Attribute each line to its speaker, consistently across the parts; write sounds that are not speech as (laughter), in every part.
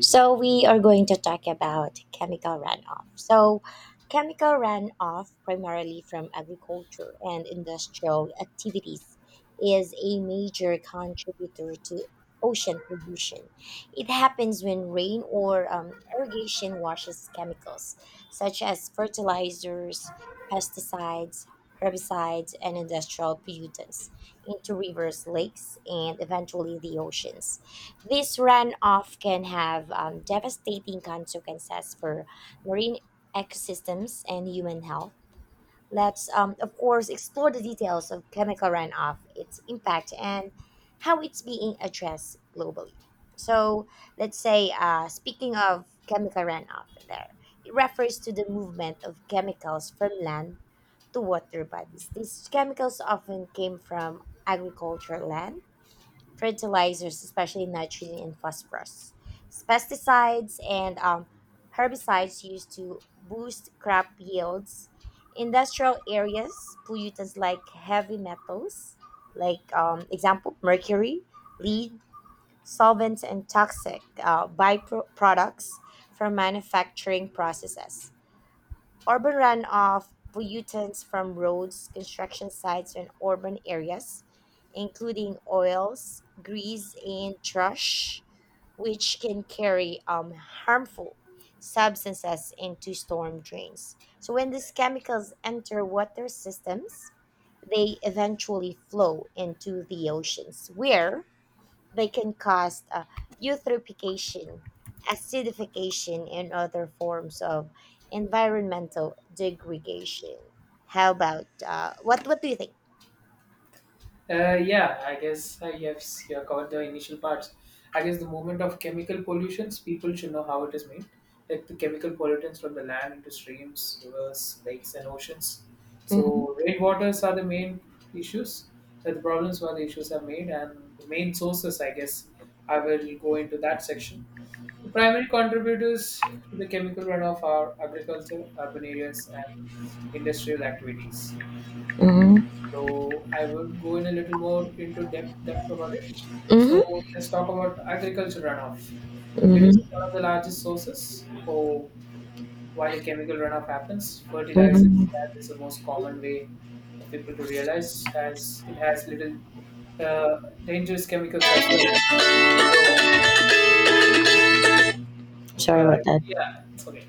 Speaker 1: So we are going to talk about chemical runoff. So chemical runoff primarily from agriculture and industrial activities is a major contributor to ocean pollution. It happens when rain or irrigation washes chemicals such as fertilizers, pesticides, herbicides, and industrial pollutants into rivers, lakes, and eventually the oceans. This runoff can have devastating consequences for marine ecosystems and human health. Let's of course, explore the details of chemical runoff, its impact, and how it's being addressed globally. So, let's say, speaking of chemical runoff, it refers to the movement of chemicals from land to water bodies. These chemicals often came from agricultural land fertilizers, especially nitrogen and phosphorus, pesticides, and herbicides used to boost crop yields. Industrial areas, pollutants like heavy metals, like example mercury, lead, solvents, and toxic byproducts from manufacturing processes. Urban runoff pollutants from roads, construction sites, and urban areas, including oils, grease, and trash, which can carry harmful substances into storm drains. So, when these chemicals enter water systems, they eventually flow into the oceans, where they can cause eutrophication, acidification, and other forms of environmental degradation. How about What do you think?
Speaker 2: Yeah, I guess you have you have covered the initial parts. I guess the movement of chemical pollutions, people should know how it is made. Like the chemical pollutants from the land into streams, rivers, lakes, and oceans. So
Speaker 1: Mhm.
Speaker 2: rainwaters are the main issues. That the problems where the issues are made, and the main sources. I guess I will go into that section. The primary contributors to the chemical runoff are agriculture, urban areas, and industrial activities.
Speaker 1: Mhm.
Speaker 2: So I will go in a little more into depth about it. So
Speaker 1: Mhm.
Speaker 2: let's talk about agriculture runoff. It is
Speaker 1: Mhm.
Speaker 2: one of the largest sources for why the chemical runoff happens.
Speaker 1: Mhm.
Speaker 2: Fertilizers, that is the most common way for people to realize, has it has little dangerous chemicals as well. So
Speaker 1: Sorry
Speaker 2: uh,
Speaker 1: about that.
Speaker 2: yeah, it's okay.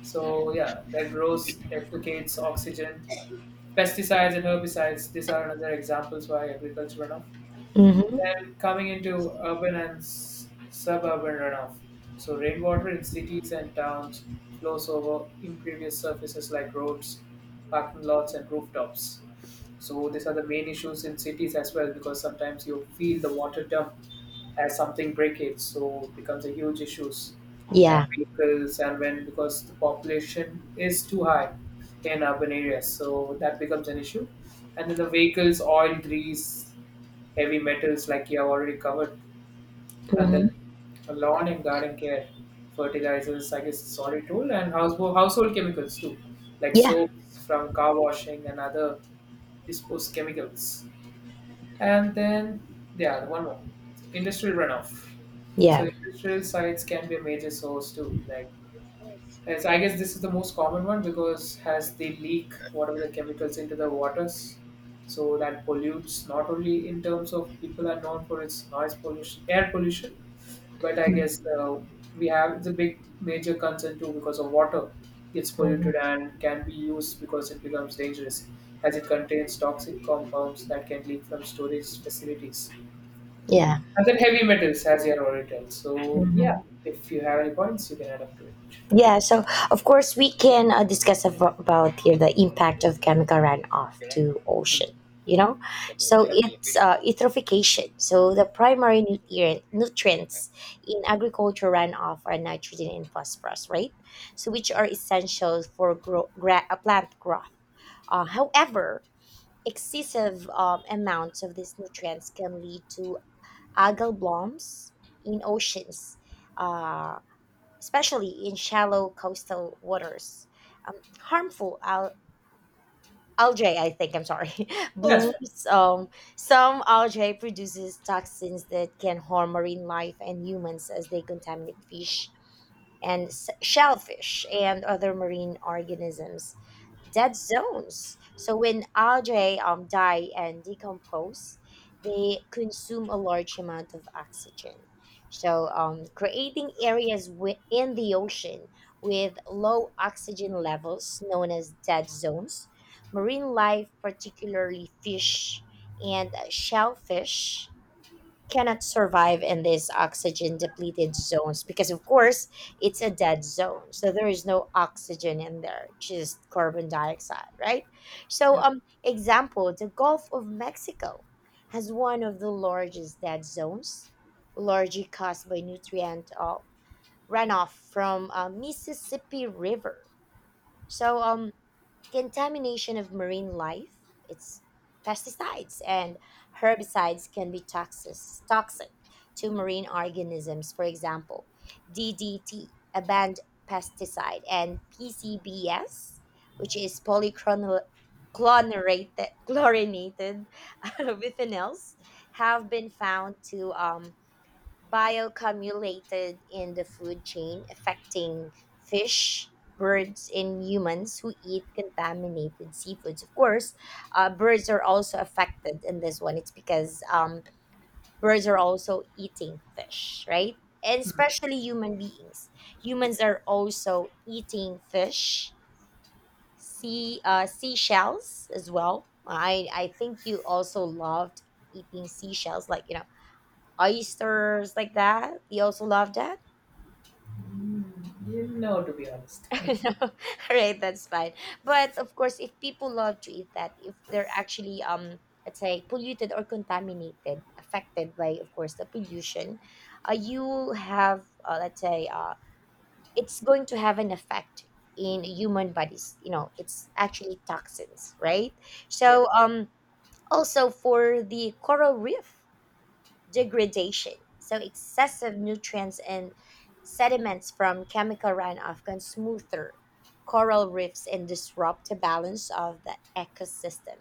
Speaker 2: So yeah, that grows, deplicates oxygen. Pesticides and herbicides, these are another examples why agriculture runoff
Speaker 1: Mhm.
Speaker 2: then coming into urban and suburban runoff. So rainwater in cities and towns flows over impervious surfaces like roads, parking lots, and rooftops. So these are the main issues in cities as well because sometimes you feel the water dump as something breakage, so it becomes a huge issues and
Speaker 1: Yeah.
Speaker 2: vehicles and when because the population is too high in urban areas, so that becomes an issue. And then the vehicles, oil, grease, heavy metals like you have already covered, and then
Speaker 1: Mhm.
Speaker 2: lawn and garden care, fertilizers, I guess solid tool, and household chemicals too, like
Speaker 1: Yeah.
Speaker 2: soaps from car washing and other disposed chemicals. And then yeah, one more, industrial runoff.
Speaker 1: Yeah.
Speaker 2: So industrial sites can be a major source too, like as I guess this is the most common one because has they leak whatever the chemicals into the waters, so that pollutes not only in terms of people are known for its noise pollution, air pollution, but I guess
Speaker 1: Mhm.
Speaker 2: we have it's a big major concern too because of water gets polluted and can be used because it becomes dangerous as it contains toxic compounds that can leak from storage facilities.
Speaker 1: Yeah.
Speaker 2: And then heavy metals, as you had already told. So yeah,
Speaker 1: Mhm.
Speaker 2: if you have any points, you can add up to it.
Speaker 1: Yeah, so of course we can discuss about here the impact of chemical runoff to
Speaker 2: Mm.
Speaker 1: ocean. You know, so
Speaker 2: Yeah,
Speaker 1: it's eutrophication. So the primary nutrients in agriculture runoff are nitrogen and phosphorus, right? So which are essential for plant growth. However, excessive amounts of these nutrients can lead to algal blooms in oceans. uh, Especially in shallow coastal waters. Harmful algae, I think, I'm sorry, (laughs)
Speaker 2: yeah,
Speaker 1: blooms. Some algae produces toxins that can harm marine life and humans as they contaminate fish and shellfish and other marine organisms dead zones. So when algae die and decompose, they consume a large amount of oxygen. So creating areas within the ocean with low oxygen levels, known as dead zones, marine life, particularly fish and shellfish, cannot survive in these oxygen depleted zones because of course it's a dead zone, so there is no oxygen in there, just carbon dioxide, right? So
Speaker 2: Yeah.
Speaker 1: example, the Gulf of Mexico has one of the largest dead zones, largely caused by nutrient runoff from Mississippi River. So, contamination of marine life, its pesticides and herbicides can be toxic to marine organisms. For example, DDT, a banned pesticide, and PCBs, which is polychlorinated chlorinated (laughs) biphenyls, have been found to bioaccumulated in the food chain, affecting fish, birds, and humans who eat contaminated seafoods. Of course, birds are also affected in this one. It's because birds are also eating fish, right? And especially human beings. Humans are also eating fish, seashells as well. I think you also loved eating seashells, like you know, oysters like that. You also love that.
Speaker 2: You know, to be honest.
Speaker 1: (laughs)
Speaker 2: Hmm.
Speaker 1: No, (laughs) right, that's fine. But of course, if people love to eat that, if they're actually let's say polluted or contaminated, affected by of course the pollution, you have let's say it's going to have an effect in human bodies. You know, it's actually toxins, right?
Speaker 2: Yeah.
Speaker 1: So also for the coral reef degradation. So excessive nutrients and sediments from chemical runoff can smoother coral reefs and disrupt the balance of the ecosystem.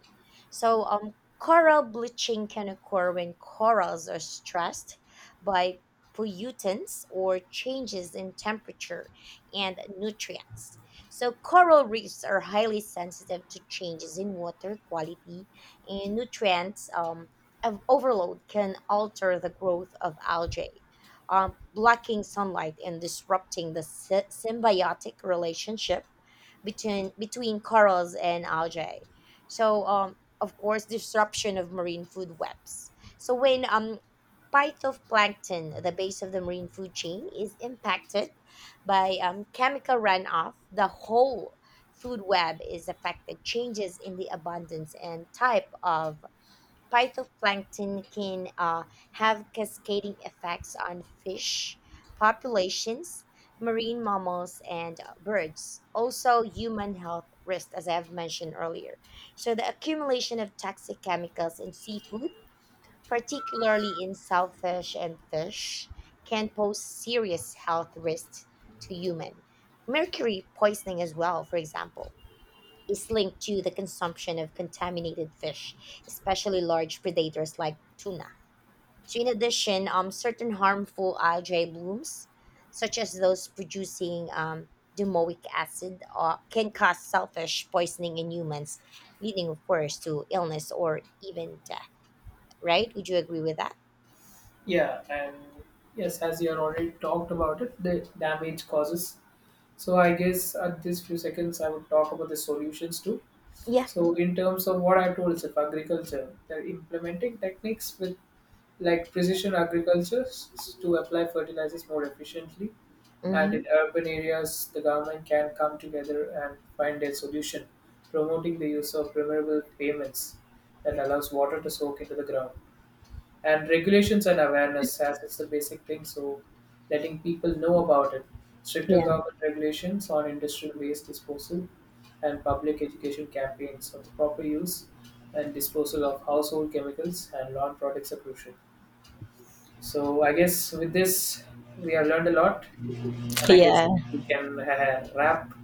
Speaker 1: So coral bleaching can occur when corals are stressed by pollutants or changes in temperature and nutrients. So coral reefs are highly sensitive to changes in water quality and nutrients, of overload can alter the growth of algae, blocking sunlight and disrupting the symbiotic relationship between corals and algae. So, of course, disruption of marine food webs. So when phytoplankton, the base of the marine food chain, is impacted by chemical runoff, the whole food web is affected. Changes in the abundance and type of phytoplankton can have cascading effects on fish populations, marine mammals, and birds. Also, human health risks, as I have mentioned earlier. So, the accumulation of toxic chemicals in seafood, particularly in shellfish and fish, can pose serious health risks to human. Mercury poisoning, as well, for example, is linked to the consumption of contaminated fish, especially large predators like tuna. So, in addition, certain harmful algae blooms, such as those producing domoic acid, can cause selfish poisoning in humans, leading, of course, to illness or even death. Right? Would you agree with that?
Speaker 2: Yeah. And yes, as you have already talked about it, the damage causes. So I guess at this few seconds, I would talk about the solutions too.
Speaker 1: Yeah.
Speaker 2: So in terms of what I told, of agriculture, they're implementing techniques with like precision agriculture to apply fertilizers more efficiently. And
Speaker 1: Mm-hmm.
Speaker 2: in urban areas, the government can come together and find a solution, promoting the use of permeable pavements that allows water to soak into the ground and regulations and awareness as it's the basic thing so letting people know about it stricter
Speaker 1: Yeah.
Speaker 2: government regulations on industrial waste disposal and public education campaigns on the proper use and disposal of household chemicals and lawn products are crucial. So I guess with this we have learned a lot and I guess
Speaker 1: Yeah.
Speaker 2: we can (laughs) wrap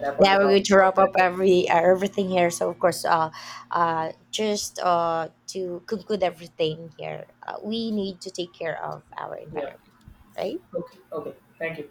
Speaker 2: wrap on the
Speaker 1: Yeah, we're going
Speaker 2: topic
Speaker 1: to
Speaker 2: for
Speaker 1: wrap
Speaker 2: today.
Speaker 1: up everything here. So of course, just to conclude everything here, we need to take care of our
Speaker 2: Yeah.
Speaker 1: environment, right?
Speaker 2: Okay, okay, thank you.